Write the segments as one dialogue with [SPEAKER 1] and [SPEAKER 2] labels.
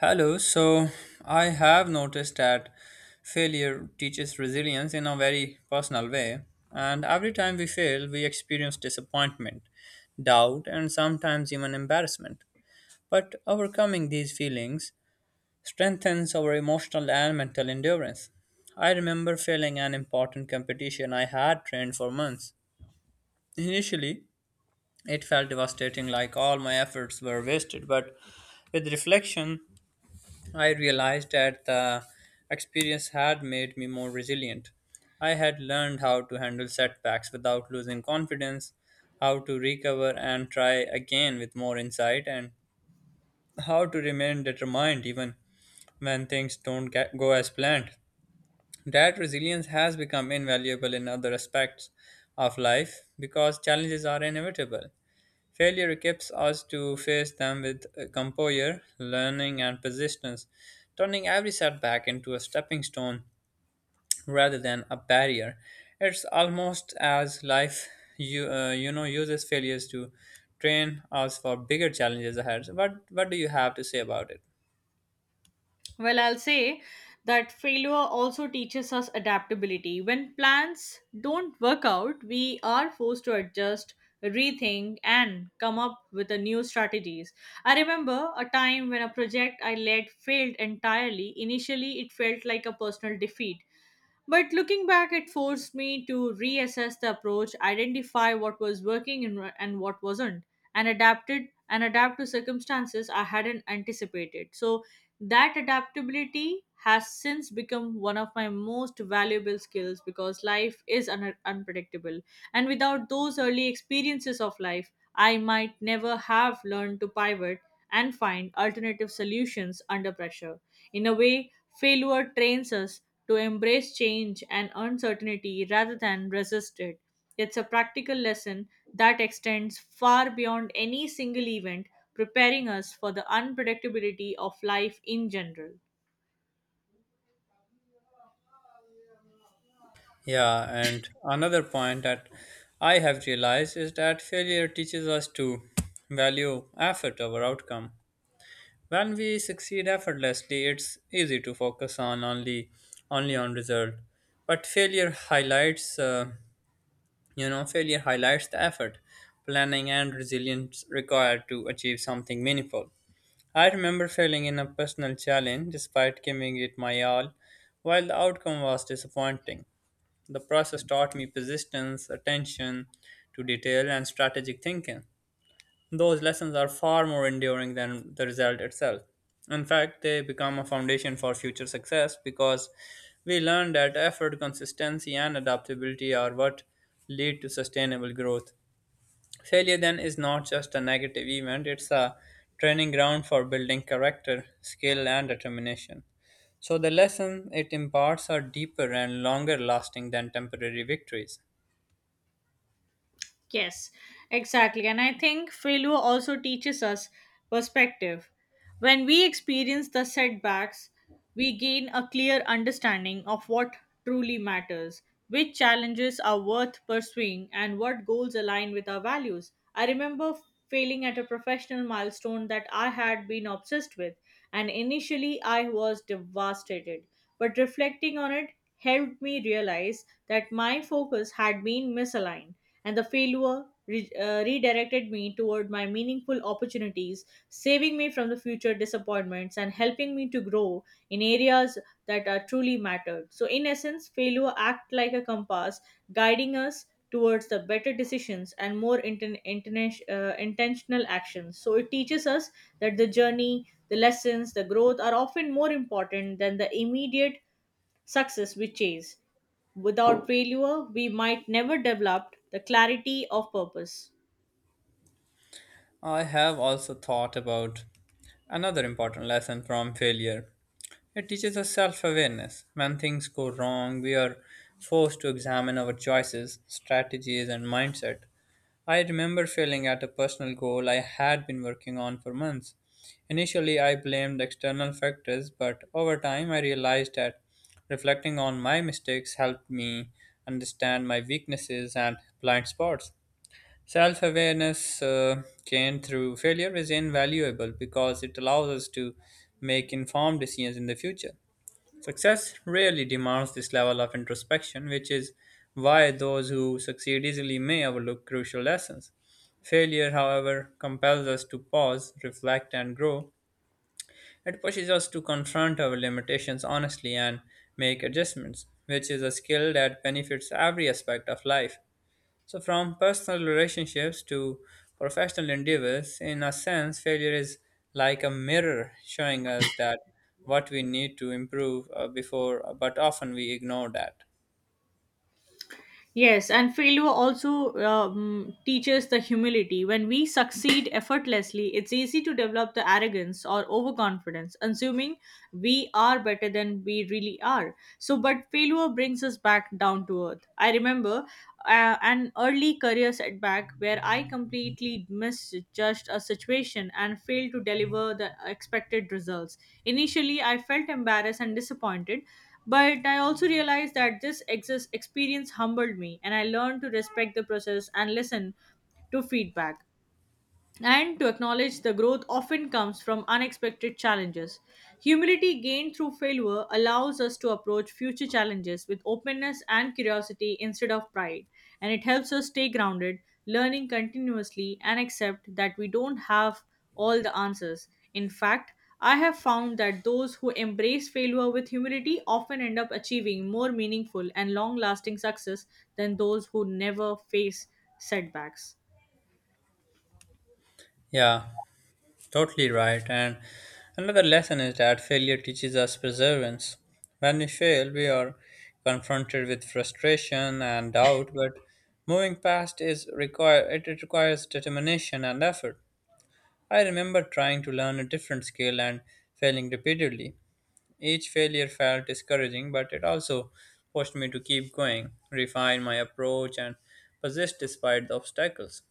[SPEAKER 1] Hello, so I have noticed that failure teaches resilience in a very personal way, and every time we fail, we experience disappointment, doubt, and sometimes even embarrassment. But overcoming these feelings strengthens our emotional and mental endurance. I remember failing an important competition I had trained for months. Initially, it felt devastating, like all my efforts were wasted, but with reflection, I realized that the experience had made me more resilient. I had learned how to handle setbacks without losing confidence, how to recover and try again with more insight, and how to remain determined even when things don't get, go as planned. That resilience has become invaluable in other aspects of life because challenges are inevitable. Failure equips us to face them with composure, learning, and persistence, turning every setback into a stepping stone rather than a barrier. It's almost as life uses failures to train us for bigger challenges ahead. What do you have to say about it?
[SPEAKER 2] Well, I'll say that failure also teaches us adaptability. When plans don't work out, we are forced to adjust, rethink, and come up with a new strategies. I remember a time when a project I led failed entirely. Initially, it felt like a personal defeat, but looking back, it forced me to reassess the approach, identify what was working and what wasn't, and adapted and adapt to circumstances I hadn't anticipated. So that adaptability has since become one of my most valuable skills because life is unpredictable and without those early experiences of life, I might never have learned to pivot and find alternative solutions under pressure. In a way, failure trains us to embrace change and uncertainty rather than resist it. It's a practical lesson that extends far beyond any single event, preparing us for the unpredictability of life in general.
[SPEAKER 1] Yeah, and another point that I have realized is that failure teaches us to value effort over outcome. When we succeed effortlessly, it's easy to focus on only on result. But failure highlights, failure highlights the effort, planning, and resilience required to achieve something meaningful. I remember failing in a personal challenge despite giving it my all, while the outcome was disappointing. The process taught me persistence, attention to detail, and strategic thinking. Those lessons are far more enduring than the result itself. In fact, they become a foundation for future success because we learn that effort, consistency, and adaptability are what lead to sustainable growth. Failure then is not just a negative event, it's a training ground for building character, skill, and determination. So, the lesson it imparts are deeper and longer lasting than temporary victories.
[SPEAKER 2] Yes, exactly. And I think failure also teaches us perspective. When we experience the setbacks, we gain a clear understanding of what truly matters, which challenges are worth pursuing, and what goals align with our values. I remember failing at a professional milestone that I had been obsessed with, and initially I was devastated. But reflecting on it helped me realize that my focus had been misaligned and the failure redirected me toward my meaningful opportunities, saving me from the future disappointments and helping me to grow in areas that are truly mattered. So, in essence, failure act like a compass, guiding us towards the better decisions and more intentional actions. So, it teaches us that the journey, the lessons, the growth are often more important than the immediate success we chase. Without failure, we might never develop the clarity of purpose.
[SPEAKER 1] I have also thought about another important lesson from failure. It teaches us self awareness. When things go wrong, we are forced to examine our choices, strategies, and mindset. I remember failing at a personal goal I had been working on for months. Initially, I blamed external factors, but over time, I realized that reflecting on my mistakes helped me understand my weaknesses and blind spots. Self awareness gained through failure is invaluable because it allows us to make informed decisions in the future. Success rarely demands this level of introspection, which is why those who succeed easily may overlook crucial lessons. Failure, however, compels us to pause, reflect, and grow. It pushes us to confront our limitations honestly and make adjustments, which is a skill that benefits every aspect of life. So, from personal relationships to professional endeavors, in a sense, failure is like a mirror showing us that what we need to improve before, but often we ignore that.
[SPEAKER 2] Yes, and failure also teaches the humility. When we succeed effortlessly, it's easy to develop the arrogance or overconfidence, assuming we are better than we really are. So, but failure brings us back down to earth. I remember an early career setback where I completely misjudged a situation and failed to deliver the expected results. Initially, I felt embarrassed and disappointed, but I also realized that this experience humbled me and I learned to respect the process and listen to feedback and to acknowledge the growth often comes from unexpected challenges. Humility gained through failure allows us to approach future challenges with openness and curiosity instead of pride, and it helps us stay grounded, learning continuously, and accept that we don't have all the answers. In fact, I have found that those who embrace failure with humility often end up achieving more meaningful and long lasting success than those who never face setbacks.
[SPEAKER 1] Yeah, totally right. And another lesson is that failure teaches us perseverance. When we fail, we are confronted with frustration and doubt, but moving past is require it, it requires determination and effort. I remember trying to learn a different skill and failing repeatedly. Each failure felt discouraging, but it also pushed me to keep going, refine my approach, and persist despite the obstacles.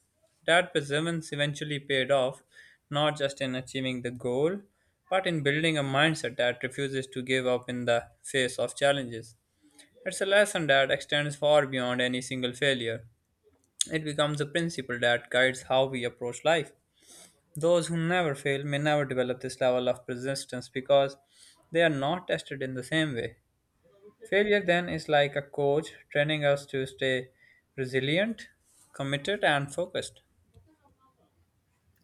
[SPEAKER 1] That perseverance eventually paid off, not just in achieving the goal, but in building a mindset that refuses to give up in the face of challenges. It's a lesson that extends far beyond any single failure. It becomes a principle that guides how we approach life. Those who never fail may never develop this level of persistence because they are not tested in the same way. Failure then is like a coach training us to stay resilient, committed, and focused.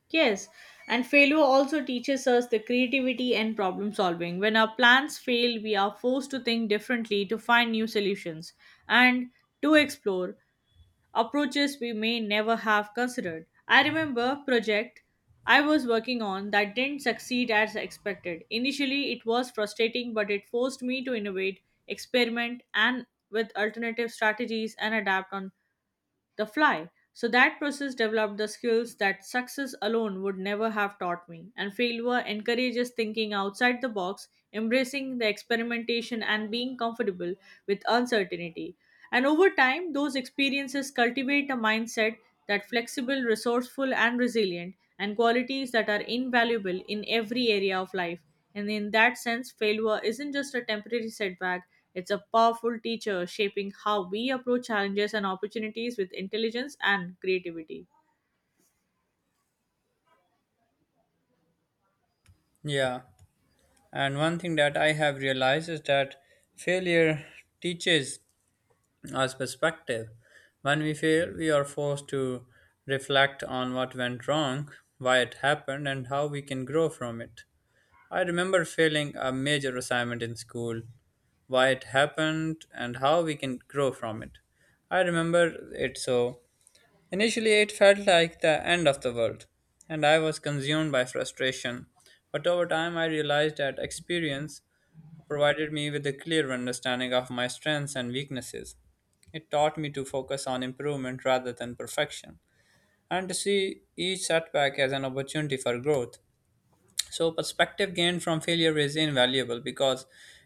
[SPEAKER 2] Yes, and failure also teaches us the creativity and problem solving. When our plans fail, we are forced to think differently to find new solutions and to explore approaches we may never have considered. I remember project I was working on that didn't succeed as expected. Initially, it was frustrating, but it forced me to innovate, experiment, and with alternative strategies and adapt on the fly. So that process developed the skills that success alone would never have taught me. And failure encourages thinking outside the box, embracing the experimentation, and being comfortable with uncertainty. And over time, those experiences cultivate a mindset that flexible, resourceful, and resilient, and qualities that are invaluable in every area of life and in that sense, failure isn't just a temporary setback, it's a powerful teacher shaping how we approach challenges and opportunities with intelligence and creativity.
[SPEAKER 1] Yeah, and one thing that I have realized is that failure teaches us perspective. When we fail, we are forced to reflect on what went wrong, why it happened, and how we can grow from it. I remember failing a major assignment in school, why it happened, and how we can grow from it. I remember it so. Initially, it felt like the end of the world, and I was consumed by frustration. But over time, I realized that experience provided me with a clear understanding of my strengths and weaknesses. It taught me to focus on improvement rather than perfection, and to see each setback as an opportunity for growth. So, perspective gained from failure is invaluable because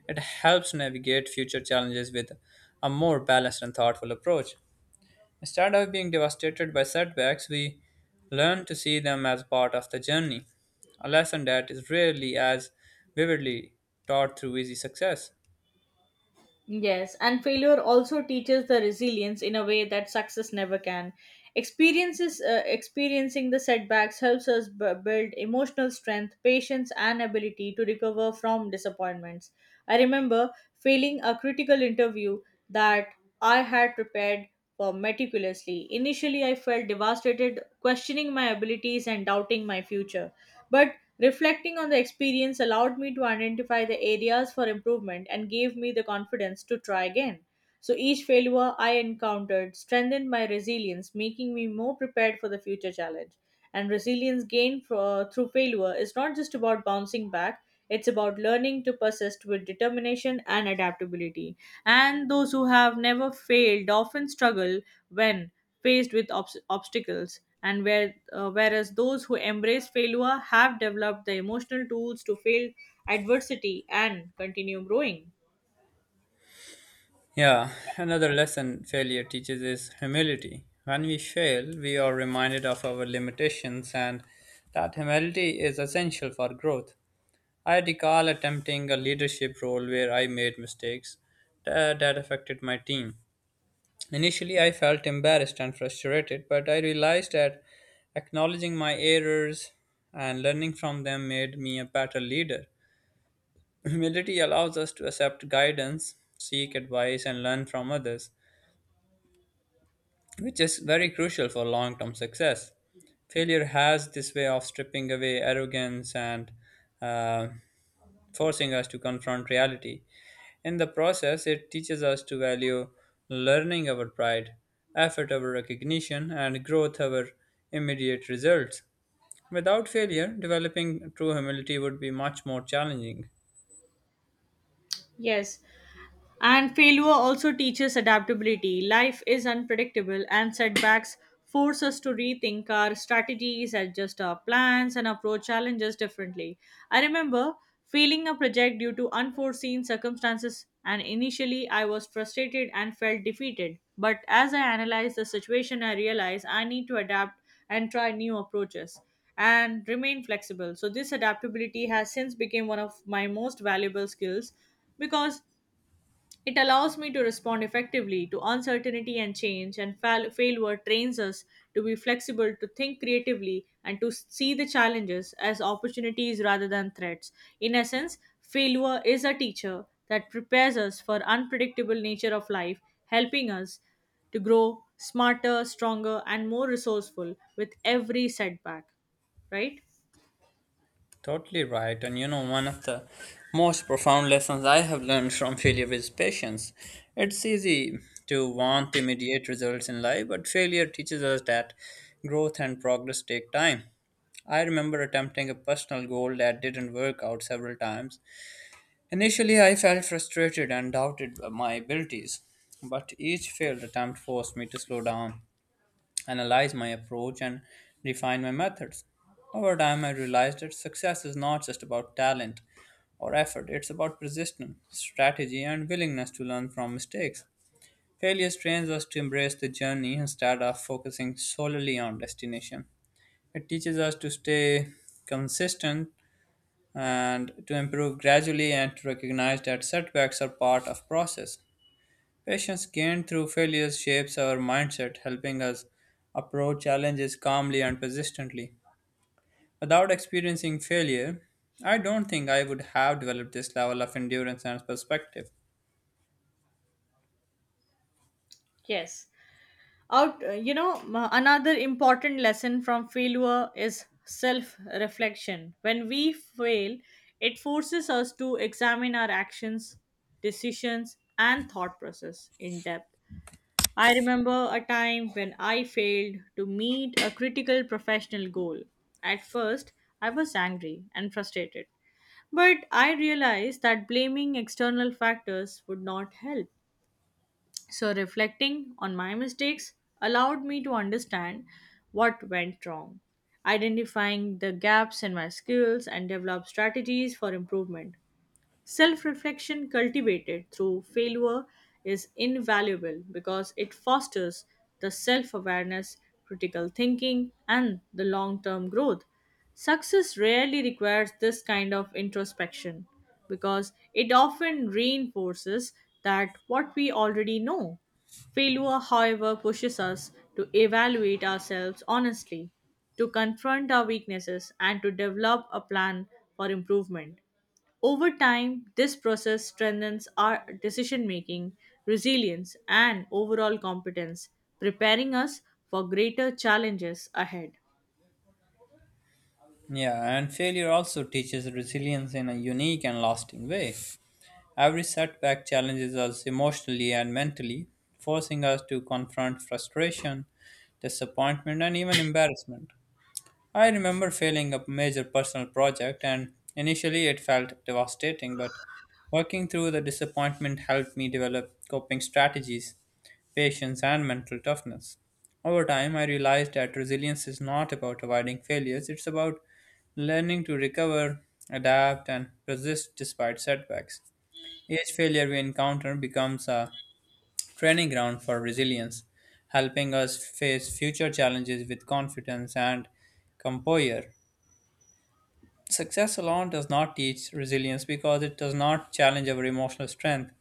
[SPEAKER 1] it helps navigate future challenges with a more balanced and thoughtful approach. Instead of being devastated by setbacks, we learn to see them as part of the journey, a lesson that is rarely as vividly taught through easy success.
[SPEAKER 2] Yes, and failure also teaches the resilience in a way that success never can. Experiencing the setbacks helps us build emotional strength, patience, and ability to recover from disappointments. I remember failing a critical interview that I had prepared for meticulously. Initially, I felt devastated, questioning my abilities and doubting my future. But reflecting on the experience allowed me to identify the areas for improvement and gave me the confidence to try again. So each failure I encountered strengthened my resilience, making me more prepared for the future challenge. And resilience gained through failure is not just about bouncing back, it's about learning to persist with determination and adaptability. And those who have never failed often struggle when faced with obstacles. Whereas those who embrace failure have developed the emotional tools to fail adversity and continue growing.
[SPEAKER 1] Yeah, another lesson failure teaches is humility. When we fail, we are reminded of our limitations and that humility is essential for growth. I recall attempting a leadership role where I made mistakes that affected my team. Initially, I felt embarrassed and frustrated, but I realized that acknowledging my errors and learning from them made me a better leader. Humility allows us to accept guidance, seek advice, and learn from others, which is very crucial for long term success. Failure has this way of stripping away arrogance and uh, forcing us to confront reality. In the process, it teaches us to value learning over pride, effort over recognition, and growth over immediate results. Without failure, developing true humility would be much more challenging.
[SPEAKER 2] Yes, and failure also teaches adaptability. Life is unpredictable, and setbacks force us to rethink our strategies, adjust our plans, and approach challenges differently. I remember failing a project due to unforeseen circumstances, and initially I was frustrated and felt defeated. But as I analyzed the situation, I realized I need to adapt and try new approaches and remain flexible. So, this adaptability has since become one of my most valuable skills because it allows me to respond effectively to uncertainty and change, and failure trains us to be flexible, to think creatively, and to see the challenges as opportunities rather than threats. In essence, failure is a teacher that prepares us for unpredictable nature of life, helping us to grow smarter, stronger, and more resourceful with every setback. Right?
[SPEAKER 1] Totally right. And you know, one of the most profound lessons I have learned from failure is patience. It's easy to want immediate results in life, but failure teaches us that growth and progress take time. I remember attempting a personal goal that didn't work out several times. Initially, I felt frustrated and doubted my abilities, but each failed attempt forced me to slow down, analyze my approach, and refine my methods. Over time, I realized that success is not just about talent or effort, it's about persistence, strategy, and willingness to learn from mistakes. Failure trains us to embrace the journey instead of focusing solely on destination. It teaches us to stay consistent and to improve gradually and to recognize that setbacks are part of process. Patience gained through failures shapes our mindset, helping us approach challenges calmly and persistently. Without experiencing failure, I don't think I would have developed this level of endurance and perspective.
[SPEAKER 2] Yes. out you know m- Another important lesson from failure is self reflection. When we fail, it forces us to examine our actions, decisions, and thought process in depth. I remember a time when I failed to meet a critical professional goal. At first, I was angry and frustrated, but I realized that blaming external factors would not help. So, reflecting on my mistakes allowed me to understand what went wrong, identifying the gaps in my skills, and develop strategies for improvement. Self reflection cultivated through failure is invaluable because it fosters the self awareness, critical thinking, and the long term growth. Success rarely requires this kind of introspection because it often reinforces that what we already know. Failure, however, pushes us to evaluate ourselves honestly, to confront our weaknesses, and to develop a plan for improvement. Over time, this process strengthens our decision making, resilience, and overall competence, preparing us for greater challenges ahead.
[SPEAKER 1] Yeah, and failure also teaches resilience in a unique and lasting way. Every setback challenges us emotionally and mentally, forcing us to confront frustration, disappointment, and even embarrassment. I remember failing a major personal project, and initially it felt devastating, but working through the disappointment helped me develop coping strategies, patience, and mental toughness. Over time, I realized that resilience is not about avoiding failures, it's about learning to recover, adapt, and persist despite setbacks. Each failure we encounter becomes a training ground for resilience, helping us face future challenges with confidence and composure. Success alone does not teach resilience because it does not challenge our emotional strength.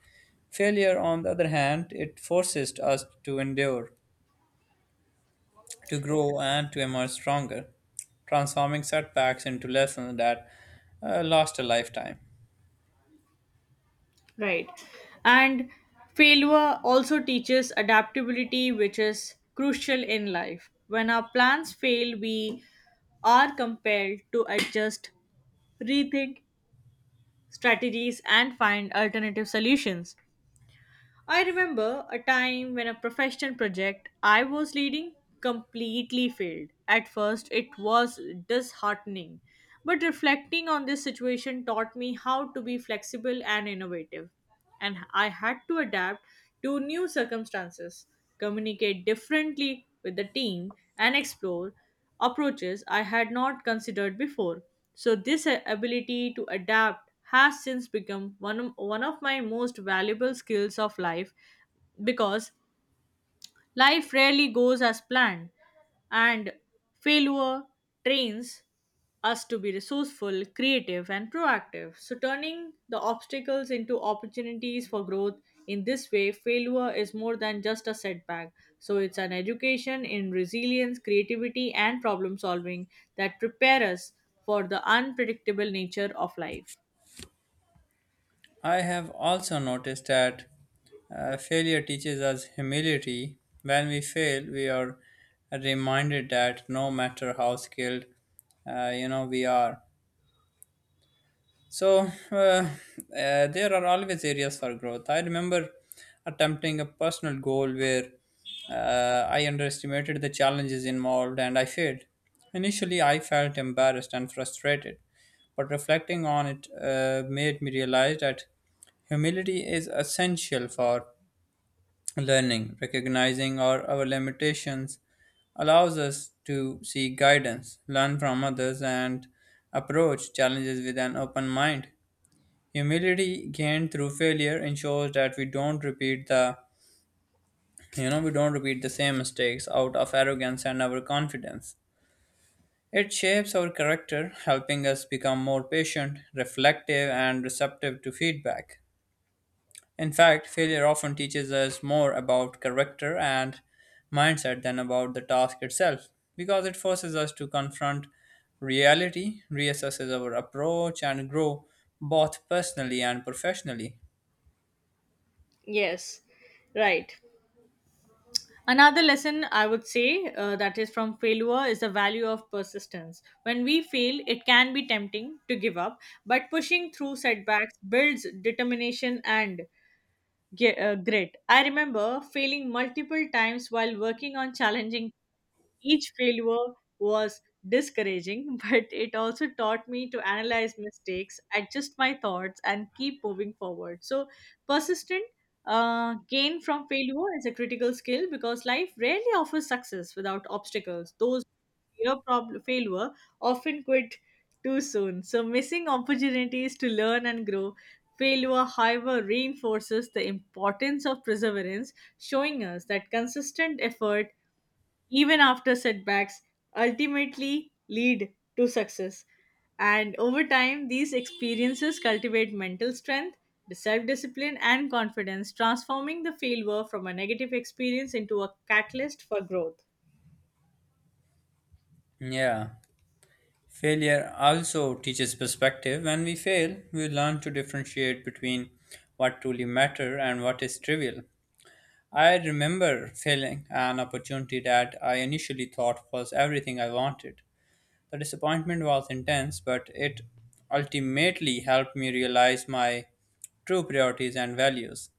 [SPEAKER 1] Failure, on the other hand, it forces us to endure, to grow, and to emerge stronger, transforming setbacks into lessons that last a lifetime.
[SPEAKER 2] Right. And failure also teaches adaptability, which is crucial in life. When our plans fail, we are compelled to adjust, rethink strategies, and find alternative solutions. I remember a time when a professional project I was leading completely failed. At first, it was disheartening, but reflecting on this situation taught me how to be flexible and innovative. And I had to adapt to new circumstances, communicate differently with the team, and explore approaches I had not considered before. So, this ability to adapt has since become one of my most valuable skills of life because life rarely goes as planned, and failure trains us to be resourceful, creative, and proactive. So, turning the obstacles into opportunities for growth in this way, failure is more than just a setback. So, it's an education in resilience, creativity, and problem solving that prepare us for the unpredictable nature of life.
[SPEAKER 1] I have also noticed that failure teaches us humility. When we fail, we are reminded that no matter how skilled we are, so uh, uh, there are always areas for growth. I remember attempting a personal goal where I underestimated the challenges involved and I failed. Initially, I felt embarrassed and frustrated, but reflecting on it made me realize that humility is essential for learning. Recognizing our limitations allows us to seek guidance, learn from others, and approach challenges with an open mind. Humility gained through failure ensures that we don't repeat the you know we don't repeat the same mistakes out of arrogance and our confidence. It shapes our character, helping us become more patient, reflective, and receptive to feedback. In fact, failure often teaches us more about character and mindset than about the task itself because it forces us to confront reality, reassesses our approach, and grow both personally and professionally.
[SPEAKER 2] Yes, right. Another lesson I would say that is from failure is the value of persistence. When we fail, it can be tempting to give up, but pushing through setbacks builds determination and grit. I remember failing multiple times while working on challenging each failure was discouraging, but it also taught me to analyze mistakes, adjust my thoughts, and keep moving forward. So, persistent gain from failure is a critical skill because life rarely offers success without obstacles. Those who fear failure often quit too soon. So, missing opportunities to learn and grow. Failure, however, reinforces the importance of perseverance, showing us that consistent effort even after setbacks, ultimately lead to success. And over time, these experiences cultivate mental strength, self discipline, and confidence, transforming the failure from a negative experience into a catalyst for growth.
[SPEAKER 1] Yeah. Failure also teaches perspective. When we fail, we learn to differentiate between what truly matter and what is trivial. I remember failing an opportunity that I initially thought was everything I wanted. The disappointment was intense, but it ultimately helped me realize my true priorities and values.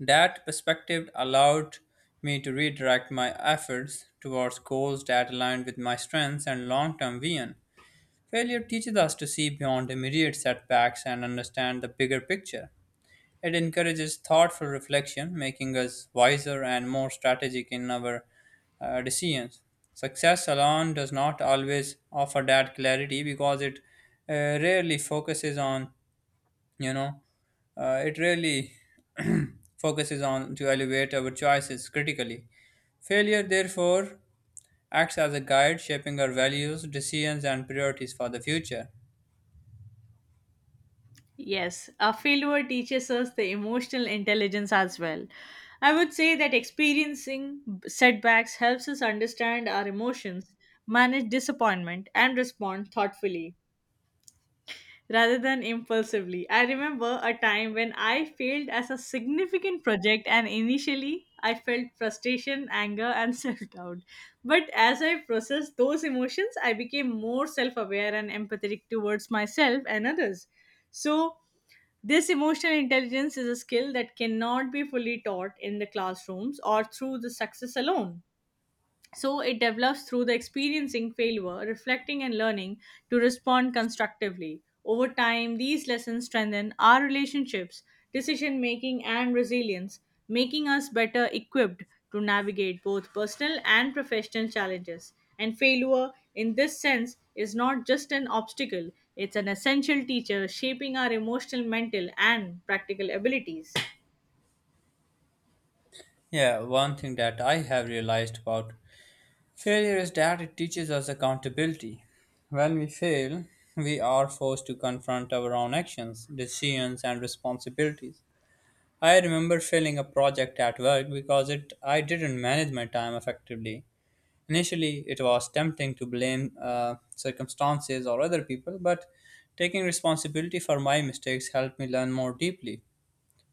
[SPEAKER 1] That perspective allowed me to redirect my efforts towards goals that aligned with my strengths and long term vision. Failure teaches us to see beyond immediate setbacks and understand the bigger picture. It encourages thoughtful reflection, making us wiser and more strategic in our decisions. Success alone does not always offer that clarity because it rarely focuses on, you know, it rarely focuses on to evaluate our choices critically. Failure, therefore, acts as a guide shaping our values, decisions, and priorities for the future.
[SPEAKER 2] Yes, a failure teaches us the emotional intelligence as well. I would say that experiencing setbacks helps us understand our emotions, manage disappointment, and respond thoughtfully rather than impulsively. I remember a time when I failed as a significant project, and initially I felt frustration, anger, and self doubt. But as I processed those emotions, I became more self aware and empathetic towards myself and others. So, this emotional intelligence is a skill that cannot be fully taught in the classrooms or through the success alone. So it develops through the experiencing failure, reflecting, and learning to respond constructively. Over time, these lessons strengthen our relationships, decision making, and resilience, making us better equipped to navigate both personal and professional challenges. And failure, in this sense, is not just an obstacle, it's an essential teacher shaping our emotional, mental, and practical abilities.
[SPEAKER 1] Yeah, one thing that I have realized about failure is that it teaches us accountability. When we fail, we are forced to confront our own actions, decisions, and responsibilities. I remember failing a project at work because it I didn't manage my time effectively. Initially, it was tempting to blame circumstances or other people, but taking responsibility for my mistakes helped me learn more deeply.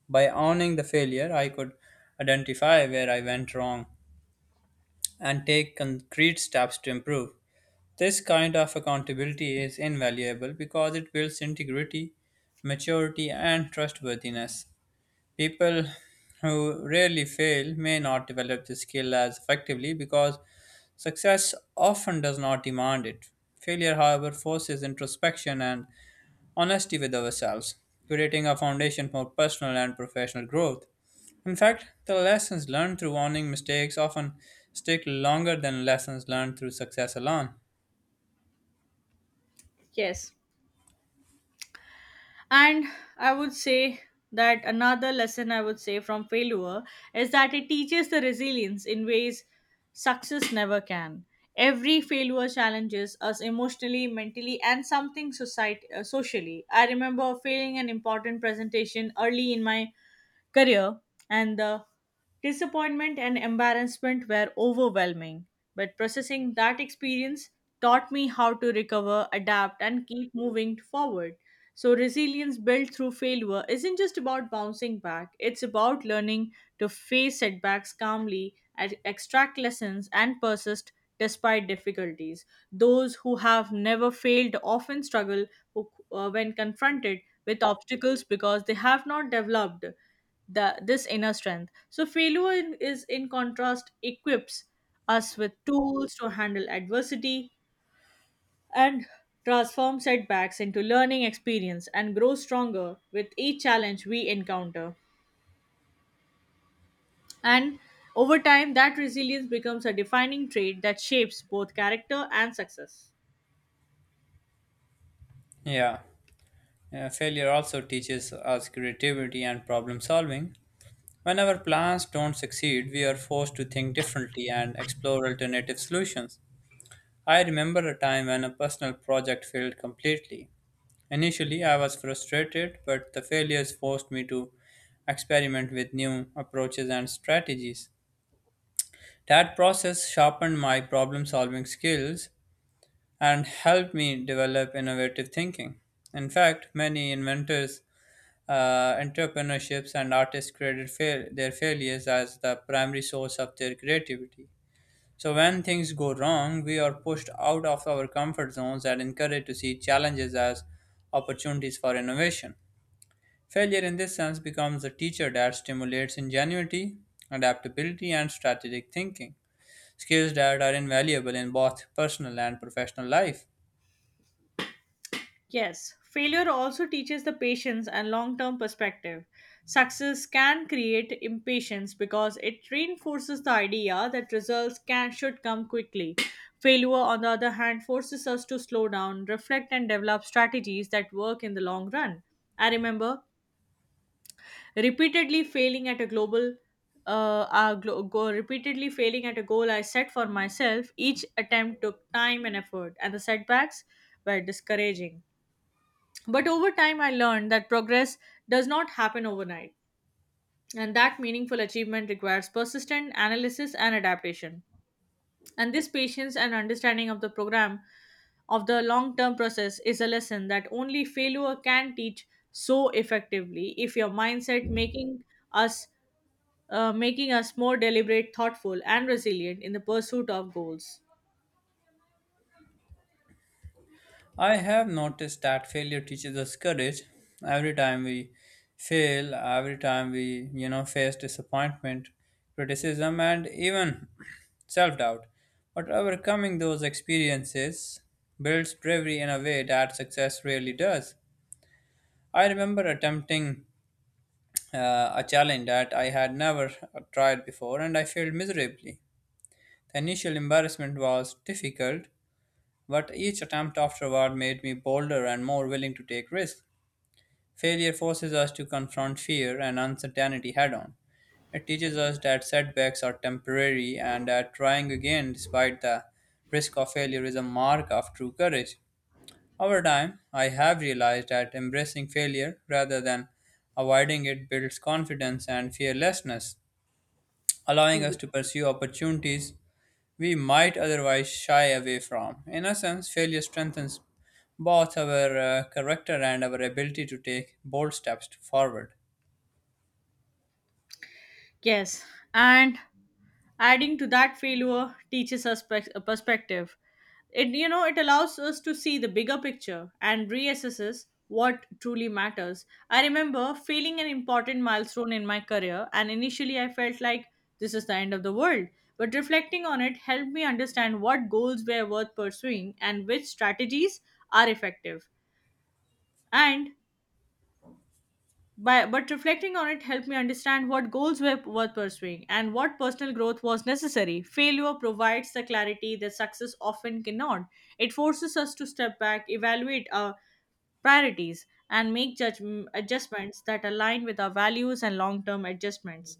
[SPEAKER 1] By owning the failure, I could identify where I went wrong and take concrete steps to improve. This kind of accountability is invaluable because it builds integrity, maturity, and trustworthiness. People who rarely fail may not develop the skill as effectively because success often does not demand it. Failure, however, forces introspection and honesty with ourselves, creating a foundation for personal and professional growth. In fact, the lessons learned through owning mistakes often stick longer than lessons learned through success alone.
[SPEAKER 2] Yes. And I would say that another lesson I would say from failure is that it teaches the resilience in ways success never can. Every failure challenges us emotionally, mentally, and socially. I remember failing an important presentation early in my career, and the disappointment and embarrassment were overwhelming. But processing that experience taught me how to recover, adapt, and keep moving forward. So, resilience built through failure isn't just about bouncing back, it's about learning to face setbacks calmly, and extract lessons, and persist despite difficulties. Those who have never failed often struggle when confronted with obstacles because they have not developed the this inner strength. So failure is in contrast equips us with tools to handle adversity and transform setbacks into learning experience and grow stronger with each challenge we encounter. And over time that resilience becomes a defining trait that shapes both character and success.
[SPEAKER 1] Yeah. Failure also teaches us creativity and problem solving. When our plans don't succeed, we are forced to think differently and explore alternative solutions. I remember a time when a personal project failed completely. Initially, I was frustrated, but the failures forced me to experiment with new approaches and strategies. That process sharpened my problem solving skills and helped me develop innovative thinking. In fact, many inventors, entrepreneurships, and artists credit their failures as the primary source of their creativity. So, when things go wrong, we are pushed out of our comfort zones and encouraged to see challenges as opportunities for innovation. Failure in this sense becomes a teacher that stimulates ingenuity, adaptability, and strategic thinking, skills that are invaluable in both personal and professional life.
[SPEAKER 2] Yes, failure also teaches the patience and long term perspective. Success can create impatience because it reinforces the idea that results can should come quickly. Failure, on the other hand, forces us to slow down, reflect, and develop strategies that work in the long run. I remember repeatedly failing at a global glo- go, repeatedly failing at a goal I set for myself. Each attempt took time and effort, and the setbacks were discouraging. But over time, I learned that progress does not happen overnight, and that meaningful achievement requires persistent analysis and adaptation. And this patience and understanding of the program of the long term process is a lesson that only failure can teach so effectively if your mindset, us making us more deliberate, thoughtful, and resilient in the pursuit of goals.
[SPEAKER 1] I have noticed that failure teaches us courage. Every time we fail, every time we, face disappointment, criticism, and even self-doubt. But overcoming those experiences builds bravery in a way that success rarely does. I remember attempting a challenge that I had never tried before, and I failed miserably. The initial embarrassment was difficult, but each attempt afterward made me bolder and more willing to take risks. Failure forces us to confront fear and uncertainty head on. It teaches us that setbacks are temporary and that trying again despite the risk of failure is a mark of true courage. Over time, I have realized that embracing failure rather than avoiding it builds confidence and fearlessness, allowing us to pursue opportunities we might otherwise shy away from. In a sense, failure strengthens both our character and our ability to take bold steps forward.
[SPEAKER 2] Yes, and adding to that, failure teaches us perspective. It, you know, it allows us to see the bigger picture and reassesses what truly matters. I remember failing an important milestone in my career and initially I felt like this is the end of the world. But reflecting on it helped me understand what goals were worth pursuing and which strategies are effective. And but, but reflecting on it helped me understand what goals were worth pursuing and what personal growth was necessary. Failure provides the clarity that success often cannot. It forces us to step back, evaluate our priorities, and make judge adjustments that align with our values and long term adjustments.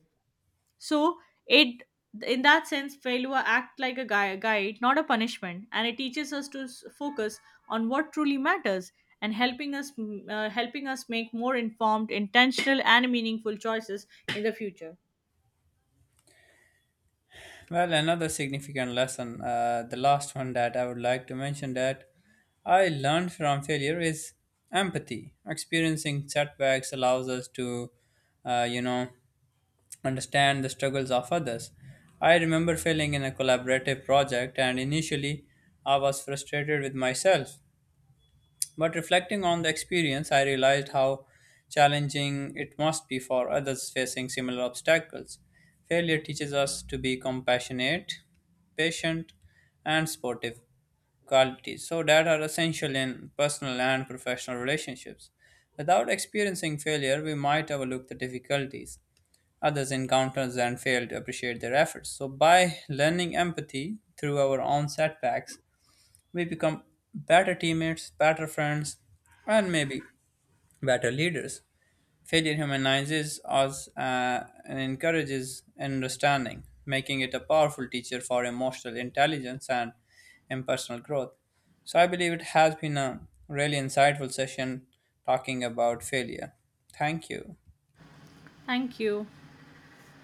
[SPEAKER 2] So it, in that sense, failure act like a guide, not a punishment, and it teaches us to focus on what truly matters and helping us helping us make more informed, intentional, and meaningful choices in the future.
[SPEAKER 1] Well, another significant lesson, the last one that I would like to mention that I learned from failure is empathy. Experiencing setbacks allows us to, uh, you know, understand the struggles of others. I remember failing in a collaborative project, and initially I was frustrated with myself. But reflecting on the experience, I realized how challenging it must be for others facing similar obstacles. Failure teaches us to be compassionate, patient, and supportive qualities, so that are essential in personal and professional relationships. Without experiencing failure, we might overlook the difficulties others encounters and fail to appreciate their efforts. So, by learning empathy through our own setbacks, we become better teammates, better friends, and maybe better leaders. Failure humanizes us and encourages understanding, making it a powerful teacher for emotional intelligence and personal growth. So, I believe it has been a really insightful session talking about failure. Thank you.
[SPEAKER 2] Thank you.